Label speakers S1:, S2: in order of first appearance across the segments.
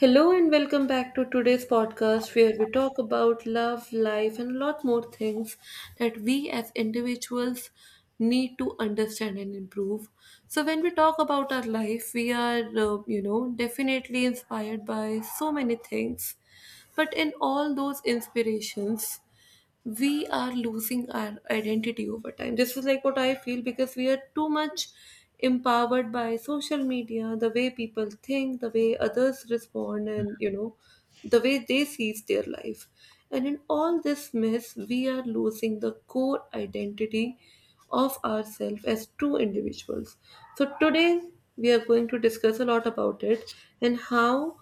S1: Hello and welcome back to today's podcast where we talk about love, life, and a lot more things that we as individuals need to understand and improve. So, when we talk about our life, we are, definitely inspired by so many things. But in all those inspirations, we are losing our identity over time. This is like what I feel because we are too much empowered by social media, the way people think, the way others respond, and the way they sees their life. And in all this mess, we are losing the core identity of ourselves as true individuals. So today we are going to discuss a lot about it and how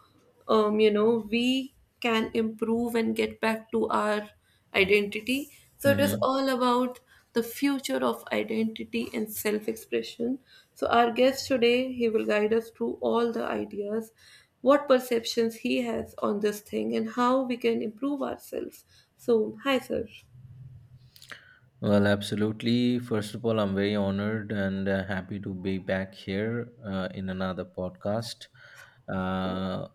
S1: um, you know we can improve and get back to our identity. So it is
S2: Mm-hmm.
S1: all about the future of identity and self expression. So, our guest today, he will guide us through all the ideas, what perceptions he has on this thing, and how we can improve ourselves. So, hi, sir.
S2: Well, absolutely. First of all, I'm very honored and happy to be back here in another podcast. Uh,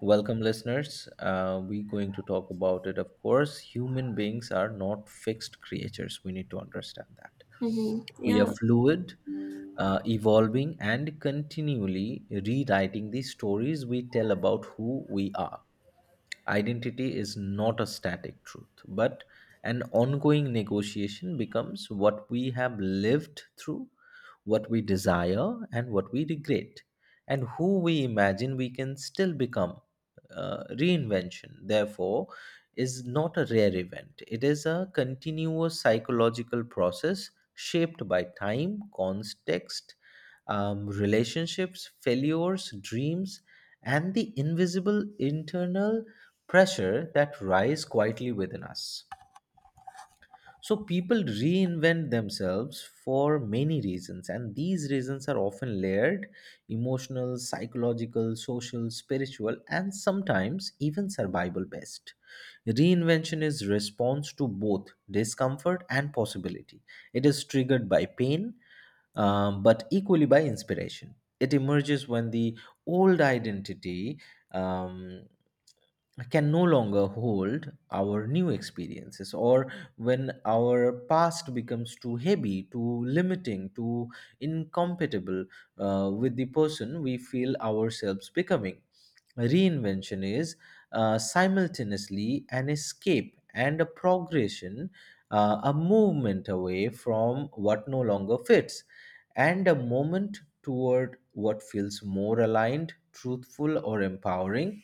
S2: Welcome, listeners. We're going to talk about it. Of course, human beings are not fixed creatures. We need to understand that.
S1: Mm-hmm.
S2: We are
S1: Yeah.
S2: fluid, evolving, and continually rewriting the stories we tell about who we are. Identity is not a static truth, but an ongoing negotiation becomes what we have lived through, what we desire, and what we regret, and who we imagine we can still become. Reinvention, therefore, is not a rare event. It is a continuous psychological process shaped by time, context, relationships, failures, dreams, and the invisible internal pressure that rise quietly within us. So people reinvent themselves for many reasons, and these reasons are often layered emotional, psychological, social, spiritual, and sometimes even survival based. Reinvention is response to both discomfort and possibility. It is triggered by pain, but equally by inspiration. It emerges when the old identity um, can no longer hold our new experiences, or when our past becomes too heavy, too limiting, too incompatible with the person we feel ourselves becoming. Reinvention is simultaneously an escape and a progression, a movement away from what no longer fits and a moment toward what feels more aligned, truthful, or empowering,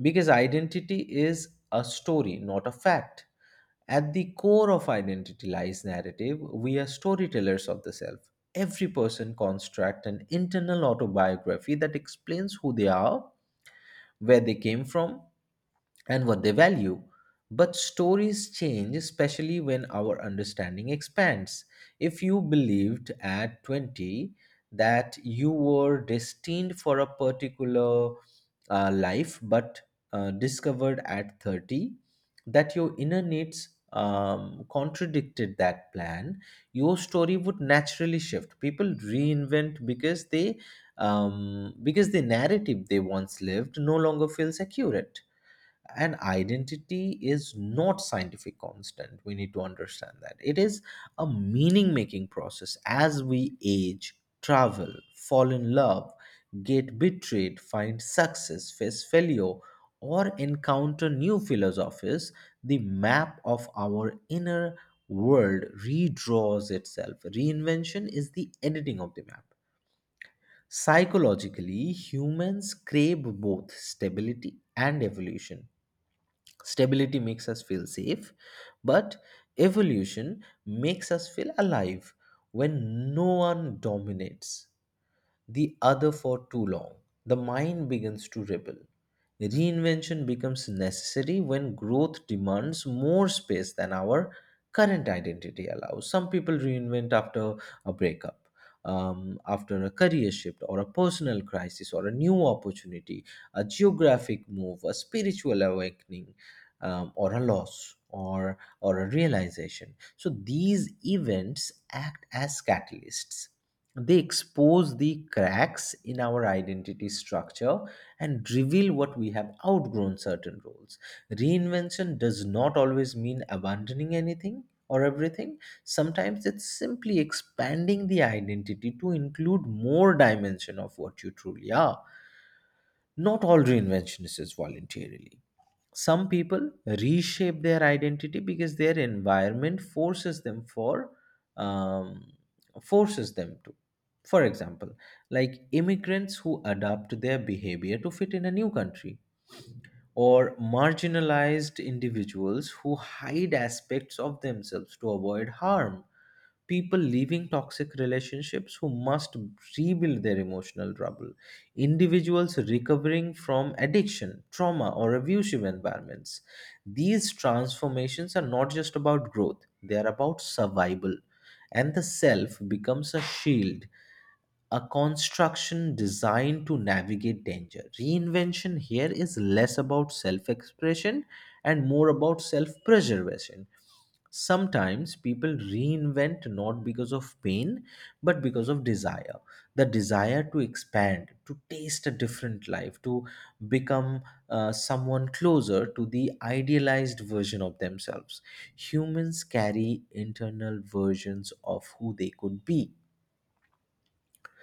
S2: because identity is a story, not a fact. At the core of identity lies narrative. We are storytellers of the self. Every person constructs an internal autobiography that explains who they are, where they came from, and what they value. But stories change, especially when our understanding expands. If you believed at 20 that you were destined for a particular life, but discovered at 30 that your inner needs contradicted that plan, your story would naturally shift. People reinvent because they because the narrative they once lived no longer feels accurate, and identity is not scientific constant. We need to understand that it is a meaning making process. As we age, travel, fall in love, get betrayed, find success, face failure, or encounter new philosophies, the map of our inner world redraws itself. Reinvention is the editing of the map. Psychologically, humans crave both stability and evolution. Stability makes us feel safe, but evolution makes us feel alive. When no one dominates the other for too long, the mind begins to rebel. Reinvention becomes necessary when growth demands more space than our current identity allows. Some people reinvent after a breakup, after a career shift, or a personal crisis, or a new opportunity, a geographic move, a spiritual awakening, or a loss. Or a realization. So these events act as catalysts. They expose the cracks in our identity structure and reveal what we have outgrown, certain roles. Reinvention does not always mean abandoning anything or everything. Sometimes it's simply expanding the identity to include more dimension of what you truly are. Not all reinvention is voluntarily. Some people reshape their identity because their environment forces them for um, forces them to, for example, like immigrants who adapt their behavior to fit in a new country, or marginalized individuals who hide aspects of themselves to avoid harm, people leaving toxic relationships who must rebuild their emotional trouble, individuals recovering from addiction, trauma, or abusive environments. These transformations are not just about growth, they are about survival, and the self becomes a shield, a construction designed to navigate danger. Reinvention here is less about self expression and more about self preservation. Sometimes people reinvent not because of pain but because of desire. The desire to expand, to taste a different life, to become someone closer to the idealized version of themselves. Humans carry internal versions of who they could be,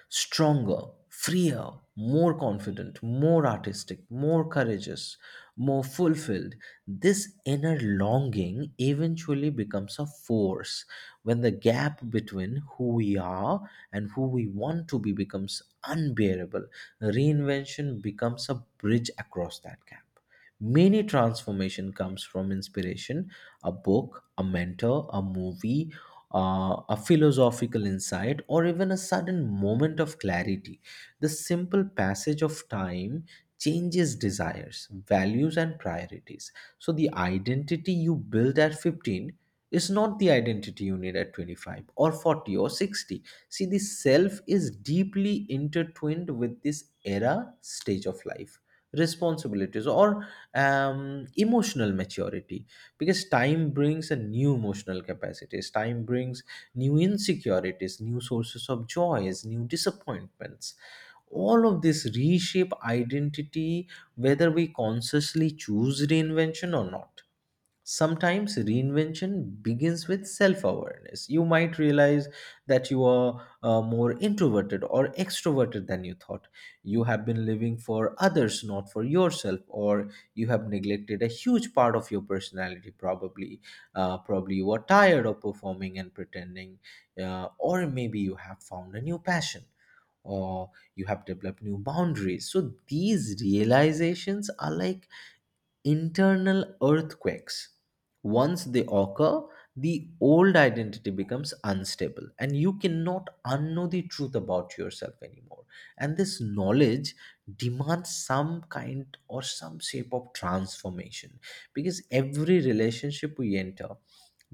S2: stronger, freer, more confident, more artistic, more courageous, more fulfilled. This inner longing eventually becomes a force when the gap between who we are and who we want to be becomes unbearable. Reinvention becomes a bridge across that gap. Many transformation comes from inspiration, a book, a mentor, a movie, a philosophical insight, or even a sudden moment of clarity. The simple passage of time changes desires, values, and priorities. So, the identity you build at 15 is not the identity you need at 25 or 40 or 60. See, the self is deeply intertwined with this era stage of life, responsibilities, or emotional maturity, because time brings a new emotional capacities. Time brings new insecurities, new sources of joys, new disappointments. All of this reshape identity, whether we consciously choose reinvention or not. Sometimes reinvention begins with self awareness. You might realize that you are more introverted or extroverted than you thought. You have been living for others, not for yourself, or you have neglected a huge part of your personality, probably. Probably you are tired of performing and pretending, or maybe you have found a new passion. Or you have developed new boundaries. So these realizations are like internal earthquakes. Once they occur, the old identity becomes unstable and you cannot unknow the truth about yourself anymore. And this knowledge demands some kind or some shape of transformation, because every relationship we enter,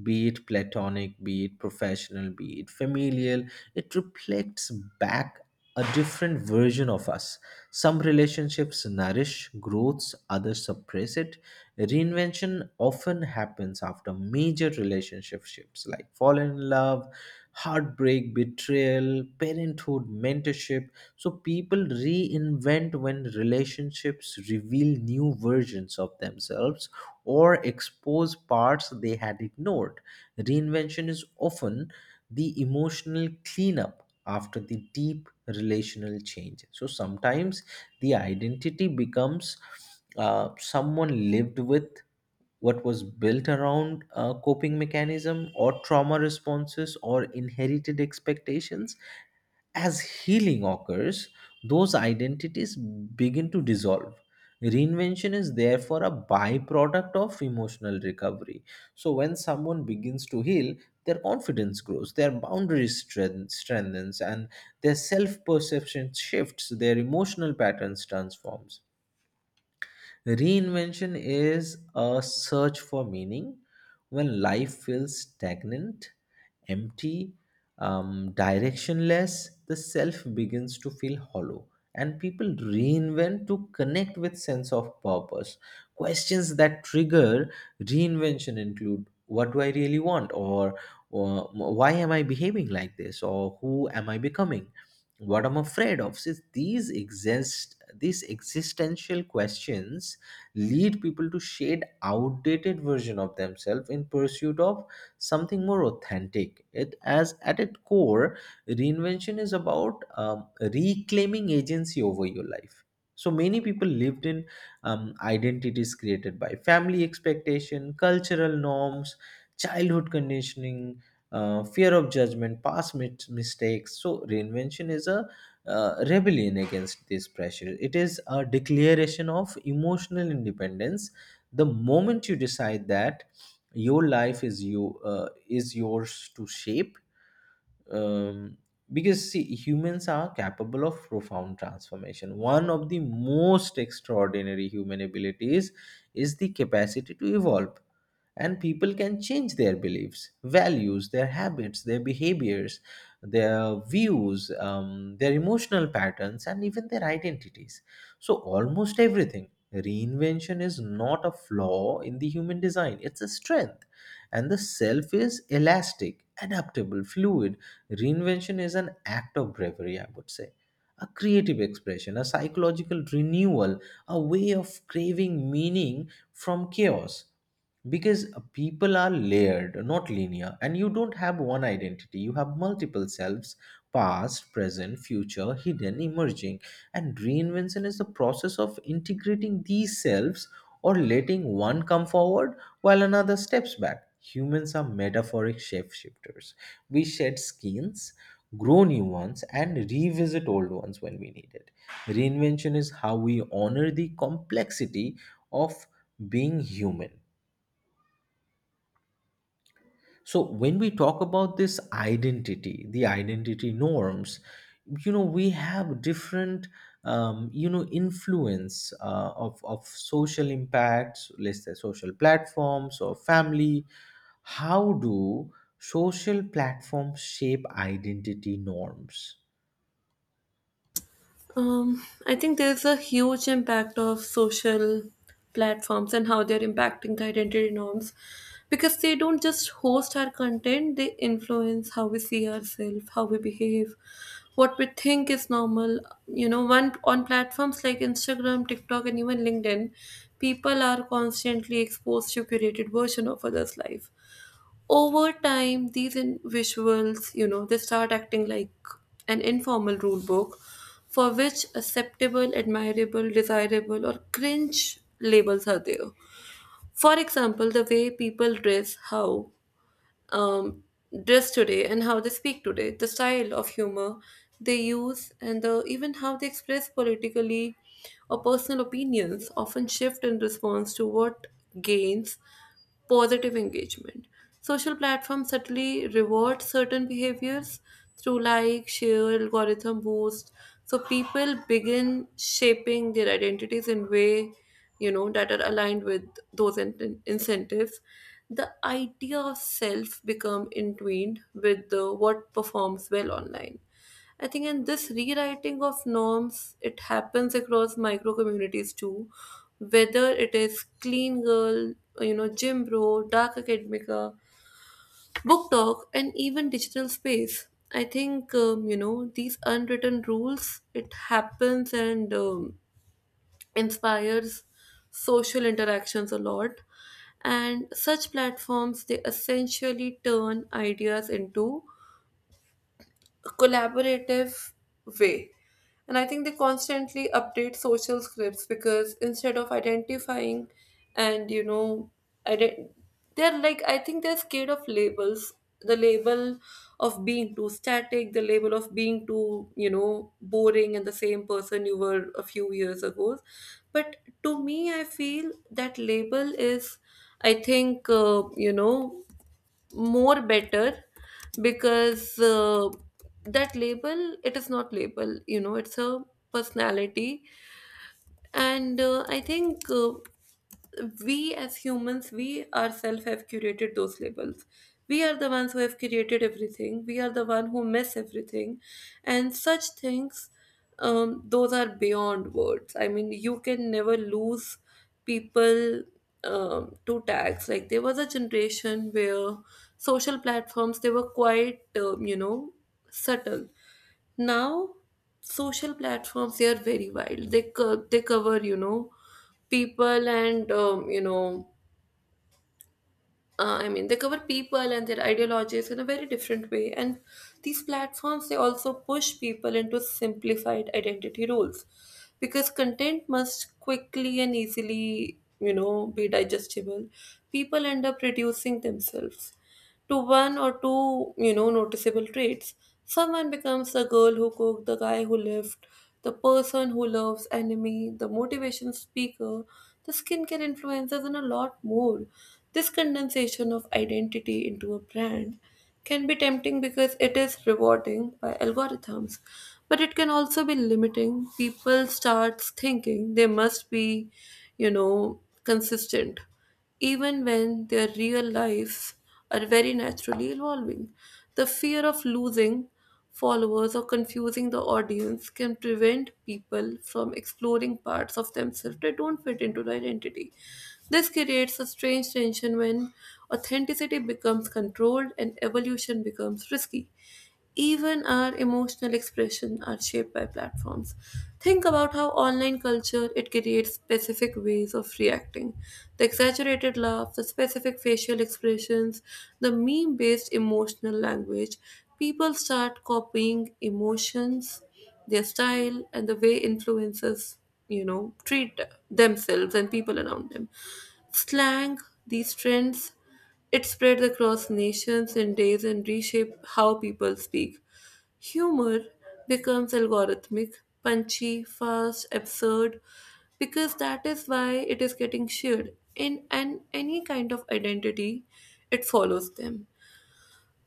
S2: be it platonic, be it professional, be it familial, it reflects back a different version of us. Some relationships nourish growths, others suppress it. Reinvention often happens after major relationship shifts, like falling in love, heartbreak, betrayal, parenthood, mentorship. So people reinvent when relationships reveal new versions of themselves or expose parts they had ignored. Reinvention is often the emotional cleanup after the deep relational change. So sometimes the identity becomes someone lived with what was built around coping mechanism or trauma responses or inherited expectations. As healing occurs, those identities begin to dissolve. Reinvention is therefore a byproduct of emotional recovery. So, when someone begins to heal, their confidence grows, their boundaries strengthens, and their self perception shifts, their emotional patterns transforms. Reinvention is a search for meaning when life feels stagnant, empty, directionless. The self begins to feel hollow, and people reinvent to connect with sense of purpose. Questions that trigger reinvention include: what do I really want? Or why am I behaving like this? Or who am I becoming? What I'm afraid of. Since these exist, these existential questions lead people to shade outdated version of themselves in pursuit of something more authentic. It as at its core reinvention is about reclaiming agency over your life. So many people lived in identities created by family expectation, cultural norms, childhood conditioning, fear of judgment, past mistakes. So reinvention is a rebellion against this pressure. It is a declaration of emotional independence. The moment you decide that your life is you is yours to shape, um, because see, humans are capable of profound transformation. One of the most extraordinary human abilities is the capacity to evolve, and people can change their beliefs, values, their habits, their behaviors, their views, their emotional patterns, and even their identities. So almost everything, reinvention is not a flaw in the human design, it's a strength, and the self is elastic, adaptable, fluid. Reinvention is an act of bravery, I would say, a creative expression, a psychological renewal, a way of craving meaning from chaos. Because people are layered, not linear, and you don't have one identity, you have multiple selves, past, present, future, hidden, emerging. And reinvention is the process of integrating these selves or letting one come forward while another steps back. Humans are metaphoric shapeshifters. We shed skins, grow new ones, and revisit old ones when we need it. Reinvention is how we honor the complexity of being human. So, when we talk about this identity, the identity norms, you know, we have different, you know, influence of social impacts, let's say social platforms or family. How do social platforms shape identity norms?
S1: I think there's a huge impact of social platforms and how they're impacting the identity norms because they don't just host our content, they influence how we see ourselves, how we behave, what we think is normal. You know, one on platforms like Instagram, TikTok, and even LinkedIn, people are constantly exposed to curated version of others' life over time. These visuals, they start acting like an informal rule book for which acceptable, admirable, desirable, or cringe labels are there. For example, the way people dress, how um, dress today and how they speak today, the style of humor they use, and even how they express politically or personal opinions often shift in response to what gains positive engagement. Social platforms subtly reward certain behaviors through like, share, algorithm boost. So people begin shaping their identities in way, that are aligned with those incentives. The idea of self become entwined with the what performs well online. I think, and this rewriting of norms, it happens across micro communities too. Whether it is clean girl, gym bro, dark academica, book talk, and even digital space. I think these unwritten rules. It happens and inspires social interactions a lot, and such platforms they essentially turn ideas into collaborative way. And I think they constantly update social scripts because instead of identifying and ident- they're like, I think they're scared of labels. The label of being too static, the label of being too, boring, and the same person you were a few years ago. But to me, I feel that label is, I think, more better because that label, it is not label, it's a personality. And I think we as humans, we ourselves have curated those labels. We are the ones who have created everything. We are the one who mess everything, and such things, those are beyond words. I mean, you can never lose people, to tags. Like, there was a generation where social platforms they were quite, subtle. Now social platforms they are very wild. They they cover, people and, I mean they cover people and their ideologies in a very different way. And these platforms they also push people into simplified identity roles because content must quickly and easily, be digestible. People end up reducing themselves to one or two, noticeable traits. Someone becomes the girl who cooked, the guy who lived, the person who loves anime, the motivation speaker, the skincare influencers, and a lot more. This condensation of identity into a brand can be tempting because it is rewarding by algorithms, but it can also be limiting. People start thinking they must be, consistent even when their real lives are very naturally evolving. The fear of losing followers or confusing the audience can prevent people from exploring parts of themselves that don't fit into their identity. This creates a strange tension when authenticity becomes controlled and evolution becomes risky. Even our emotional expression are shaped by platforms. Think about how online culture, it creates specific ways of reacting. The exaggerated laugh, the specific facial expressions, the meme-based emotional language. People start copying emotions, their style, and the way influencers, treat themselves and people around them. Slang, these trends, it spread across nations in days and reshaped how people speak. Humor becomes algorithmic, punchy, fast, absurd, because that is why it is getting shared. In, an Any kind of identity, it follows them.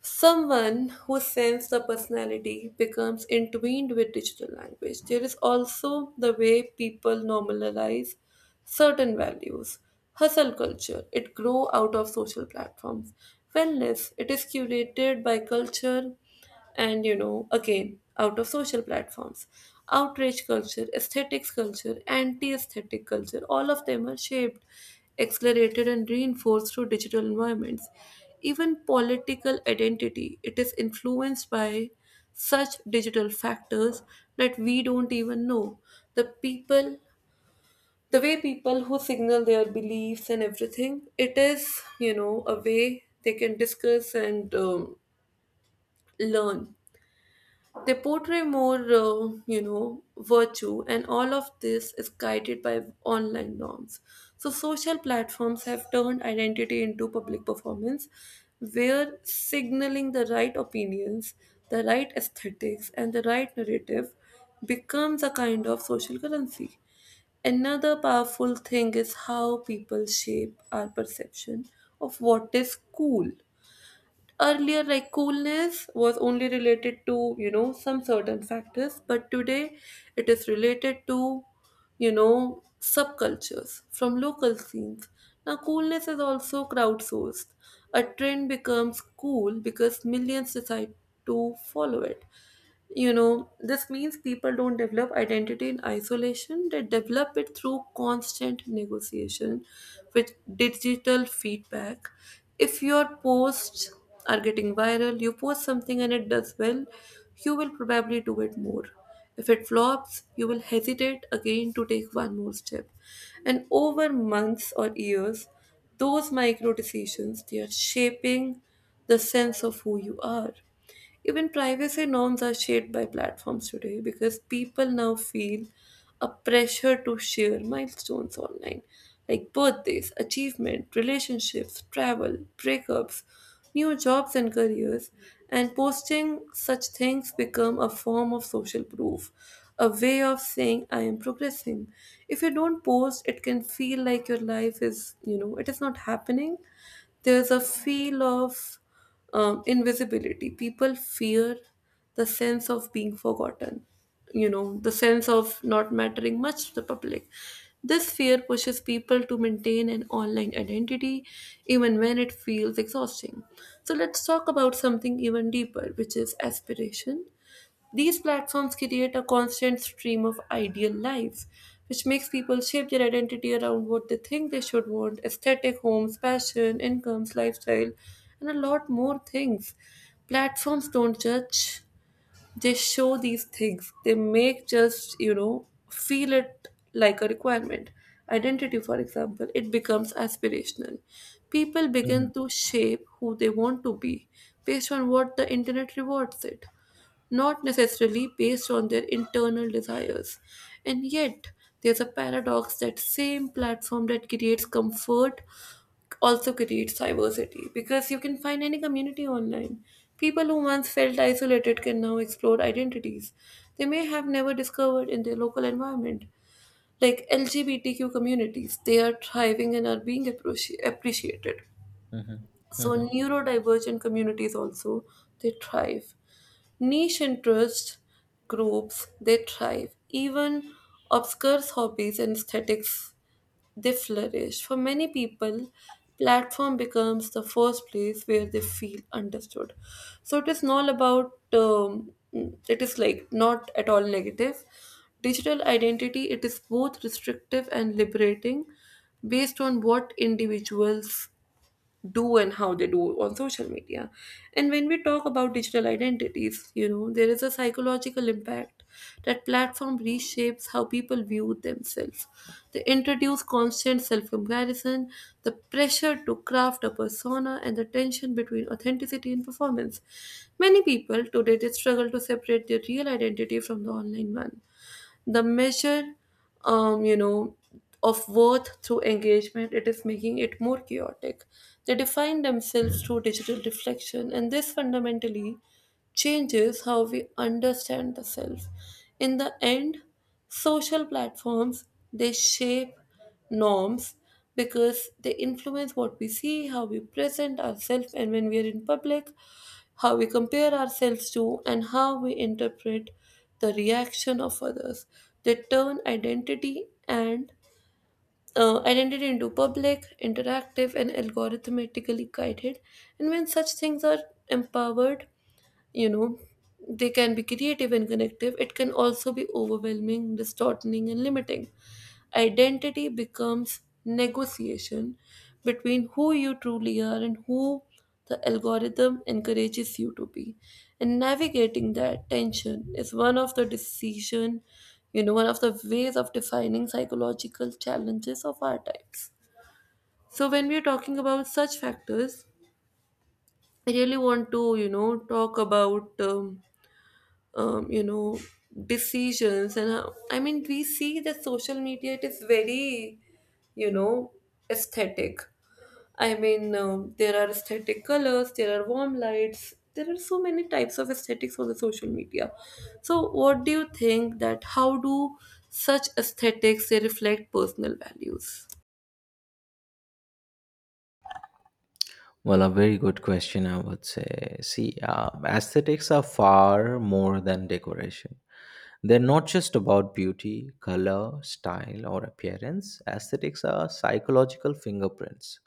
S1: Someone who sends the personality becomes entwined with digital language. There is also the way people normalize certain values. Hustle culture, it grow out of social platforms. Wellness, it is curated by culture, and again out of social platforms. Outrage culture, aesthetics culture, anti-aesthetic culture, all of them are shaped, accelerated, and reinforced through digital environments. Even political identity, it is influenced by such digital factors that we don't even know. The people, the way people who signal their beliefs and everything, it is, a way they can discuss and learn. They portray more, virtue, and all of this is guided by online norms. So, social platforms have turned identity into public performance, where signaling the right opinions, the right aesthetics, and the right narrative becomes a kind of social currency. Another powerful thing is how people shape our perception of what is cool. Earlier, like, coolness was only related to, some certain factors, but today it is related to, subcultures from local scenes. Now coolness is also crowdsourced. A trend becomes cool because millions decide to follow it. This means people don't develop identity in isolation, they develop it through constant negotiation with digital feedback. If your posts are getting viral, you post something and it does well, you will probably do it more. If it flops, you will hesitate again to take one more step. And over months or years, those micro decisions, they are shaping the sense of who you are. Even privacy norms are shaped by platforms today because people now feel a pressure to share milestones online, like birthdays, achievement, relationships, travel, breakups, new jobs and careers, and posting such things become a form of social proof, a way of saying I am progressing. If you don't post, it can feel like your life is, it is not happening. There's a feel of invisibility. People fear the sense of being forgotten, the sense of not mattering much to the public. This fear pushes people to maintain an online identity even when it feels exhausting. So, let's talk about something even deeper, which is aspiration. These platforms create a constant stream of ideal lives, which makes people shape their identity around what they think they should want: aesthetic, homes, passion, incomes, lifestyle, and a lot more things. Platforms don't judge, they show these things. They make just, feel it like a requirement. Identity, for example, it becomes aspirational. People
S2: Mhm,
S1: begin to shape who they want to be based on what the internet rewards it, not necessarily based on their internal desires. And yet, there's a paradox that same platform that creates comfort also creates diversity because you can find any community online. People who once felt isolated can now explore identities they may have never discovered in their local environment. Like LGBTQ communities, they are thriving and are being appreciated.
S2: mhm,
S1: So
S2: mhm.
S1: neurodivergent communities also they thrive. Niche interest groups they thrive. Even obscure hobbies and aesthetics they flourish. For many people, platform becomes the first place where they feel understood. So it is not about, it is like not at all negative. Digital identity, it is both restrictive and liberating based on what individuals do and how they do on social media. And when we talk about digital identities, there is a psychological impact that platform reshapes how people view themselves. They introduce constant self comparison, the pressure to craft a persona, and the tension between authenticity and performance. Many people today they struggle to separate their real identity from the online one. The measure, um, you know, of worth through engagement, it is making it more chaotic. They define themselves through digital reflection, and this fundamentally changes how we understand the self. In the end, social platforms they shape norms because they influence what we see, how we present ourselves, and when we are in public, how we compare ourselves to, and how we interpret the reaction of others. They turn identity into public, interactive, and algorithmically guided. And when such things are empowered, you know they can be creative and connective. It can also be overwhelming, distorting, and limiting. Identity becomes negotiation between who you truly are and who the algorithm encourages you to be, and navigating that tension is one of the decision, one of the ways of defining psychological challenges of our times. So when we are talking about such factors, I really want to, talk about um, you know decisions and how, I mean we see that social media, it is very, you know aesthetic. I mean, there are aesthetic colors, there are warm lights, there are so many types of aesthetics on the social media. So what do you think, that how do such aesthetics they reflect personal values?
S2: Well, a very good question, I would say. See, aesthetics are far more than decoration. They're not just about beauty, color, style, or appearance. Aesthetics are psychological fingerprints.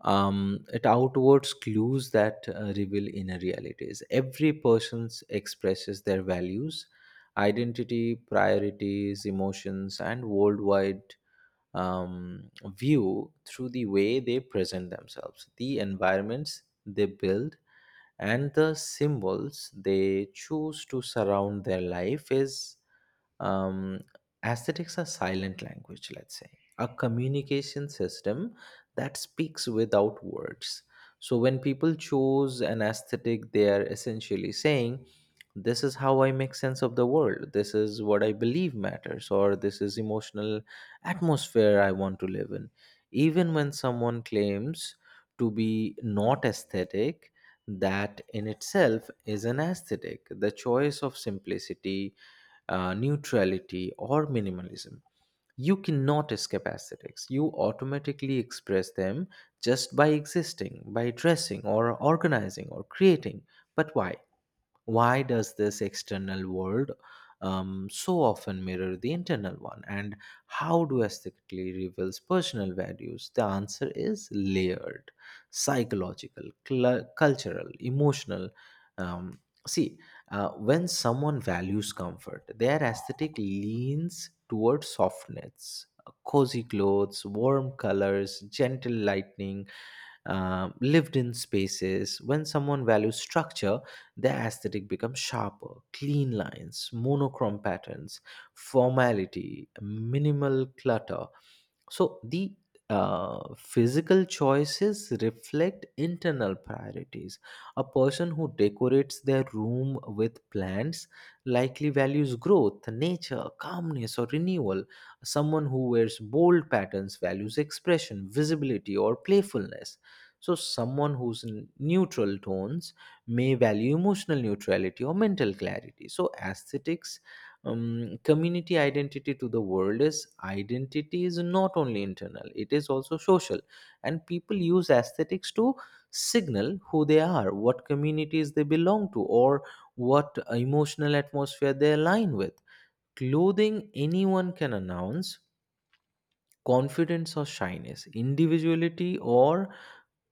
S2: It outwards clues that reveal inner realities. Every person expresses their values, identity, priorities, emotions, and worldwide um, view through the way they present themselves, the environments they build, and the symbols they choose to surround their life is um, aesthetics are silent language, let's say, a communication system that speaks without words. So when people choose an aesthetic, they are essentially saying, this is how I make sense of the world, this is what I believe matters, or this is emotional atmosphere I want to live in. Even when someone claims to be not aesthetic, that in itself is an aesthetic, the choice of simplicity, neutrality, or minimalism. You cannot escape aesthetics. You automatically express them just by existing, by dressing, or organizing, or creating. But why? Why does this external world so often mirror the internal one, and how do aesthetically reveals personal values? The answer is layered: psychological, cultural, emotional. um, See, when someone values comfort, their aesthetic leans towards softness: cozy clothes, warm colors, gentle lighting, lived in spaces. When someone values structure, the aesthetic becomes sharper, clean lines, monochrome patterns, formality, minimal clutter. So the physical choices reflect internal priorities. A person who decorates their room with plants likely values growth, nature, calmness, or renewal. Someone who wears bold patterns values expression, visibility, or playfulness. So, someone who's in neutral tones may value emotional neutrality or mental clarity. So, aesthetics, community identity to the world is identity is not only internal, it is also social. And people use aesthetics to signal who they are, what communities they belong to, or what emotional atmosphere they align with. Clothing anyone can announce confidence or shyness, individuality or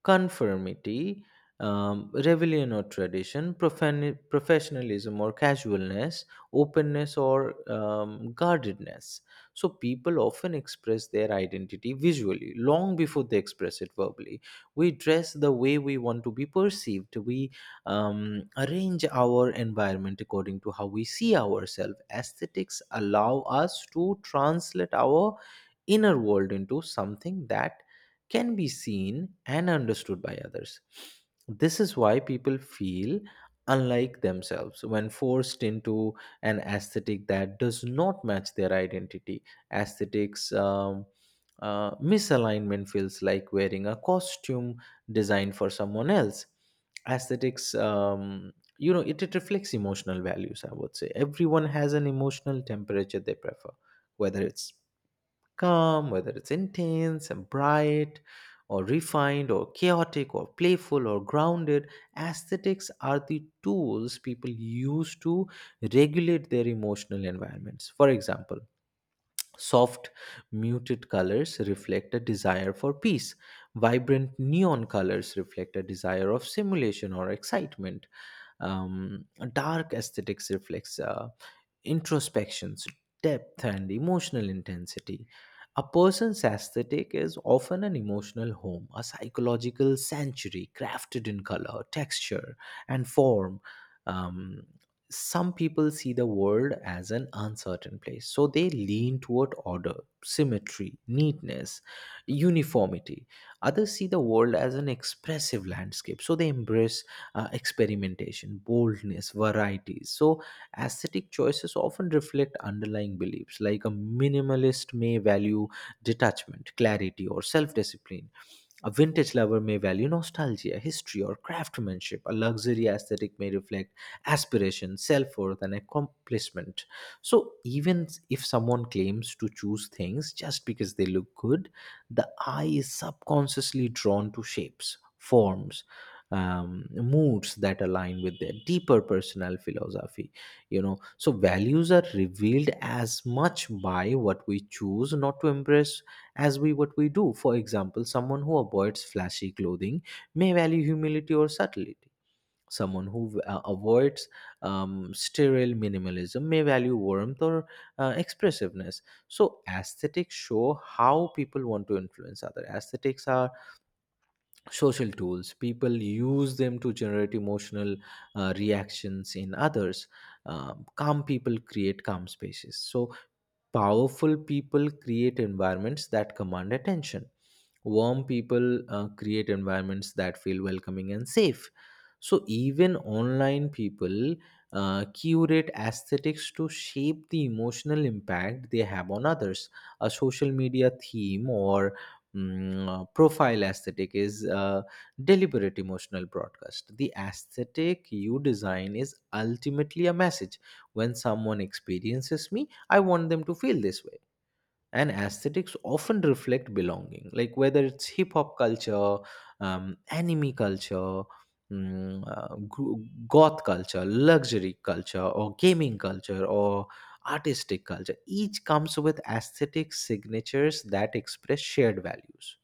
S2: conformity, rebellion or tradition, professionalism or casualness, openness or guardedness. So people often express their identity visually long before they express it verbally. We dress the way we want to be perceived. We arrange our environment according to how we see ourselves. Aesthetics allow us to translate our inner world into something that can be seen and understood by others. This is why people feel unlike themselves when forced into an aesthetic that does not match their identity. Aesthetics misalignment feels like wearing a costume designed for someone else. Aesthetics, you know, it reflects emotional values, I would say. Everyone has an emotional temperature they prefer, whether it's calm, whether it's intense and bright, or refined, or chaotic, or playful, or grounded. Aesthetics are the tools people use to regulate their emotional environments. For example, soft, muted colors reflect a desire for peace, vibrant neon colors reflect a desire of simulation or excitement, um, dark aesthetics reflects introspections, depth, and emotional intensity. A person's aesthetic is often an emotional home, a psychological sanctuary crafted in color, texture, and form. Um, some people see the world as an uncertain place, so they lean toward order, symmetry, neatness, uniformity. Others see the world as an expressive landscape, so they embrace experimentation, boldness, varieties. So, aesthetic choices often reflect underlying beliefs. Like a minimalist may value detachment, clarity, or self discipline. A vintage lover may value nostalgia, history, or craftsmanship. A luxury aesthetic may reflect aspiration, self worth, and accomplishment. So, even if someone claims to choose things just because they look good, the eye is subconsciously drawn to shapes, forms, moods that align with their deeper personal philosophy. You know, so values are revealed as much by what we choose not to embrace as we what we do. For example, someone who avoids flashy clothing may value humility or subtlety. Someone who avoids sterile minimalism may value warmth or expressiveness. So aesthetics show how people want to influence other aesthetics. Are social tools. People use them to generate emotional reactions in others. Calm people create calm spaces, so powerful people create environments that command attention. Warm people create environments that feel welcoming and safe. So even online, people curate aesthetics to shape the emotional impact they have on others. A social media theme or profile aesthetic is a deliberate emotional broadcast. The aesthetic you design is ultimately a message: when someone experiences me, I want them to feel this way. And aesthetics often reflect belonging, like whether it's hip hop culture, anime culture, mm, uh, gro- goth culture, luxury culture, or gaming culture, or artistic culture. Each comes with aesthetic signatures that express shared values.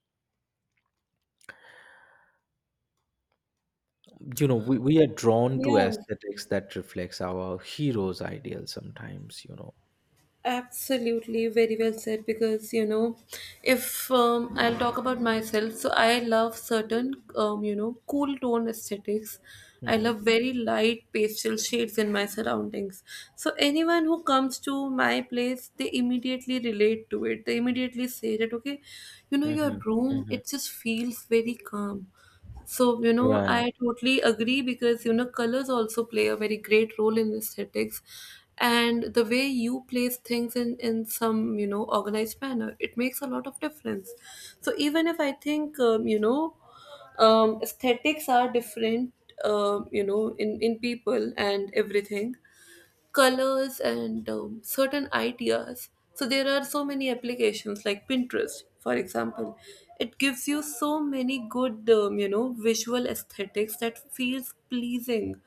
S2: You know, we are drawn to
S1: Yeah.
S2: aesthetics that reflects our heroes' ideals sometimes, you know.
S1: Absolutely, very well said. Because, if I'll talk about myself, so I love certain, cool tone aesthetics. I love
S2: Hmm.
S1: very light pastel shades in my surroundings. So anyone who comes to my place, they immediately relate to it. They immediately say that okay,
S2: Hmm.
S1: your room,
S2: Hmm.
S1: it just feels very calm. So,
S2: Right.
S1: I totally agree because, colors also play a very great role in aesthetics. And the way you place things in some, organized manner, it makes a lot of difference. So, even if I think, aesthetics are different, in people and everything, colors and certain ideas. So there are so many applications like Pinterest, for example. It gives you so many good, visual aesthetics that feels pleasing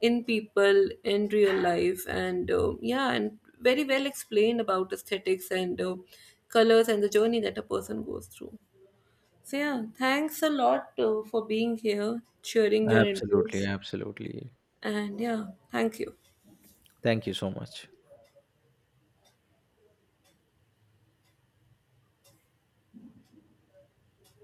S1: in people in real life, and yeah, and very well explained about aesthetics and colors and the journey that a person goes through. So yeah, thanks a lot for being here, sharing your
S2: Absolutely,
S1: inputs,
S2: absolutely.
S1: and yeah, thank you.
S2: Thank you so much.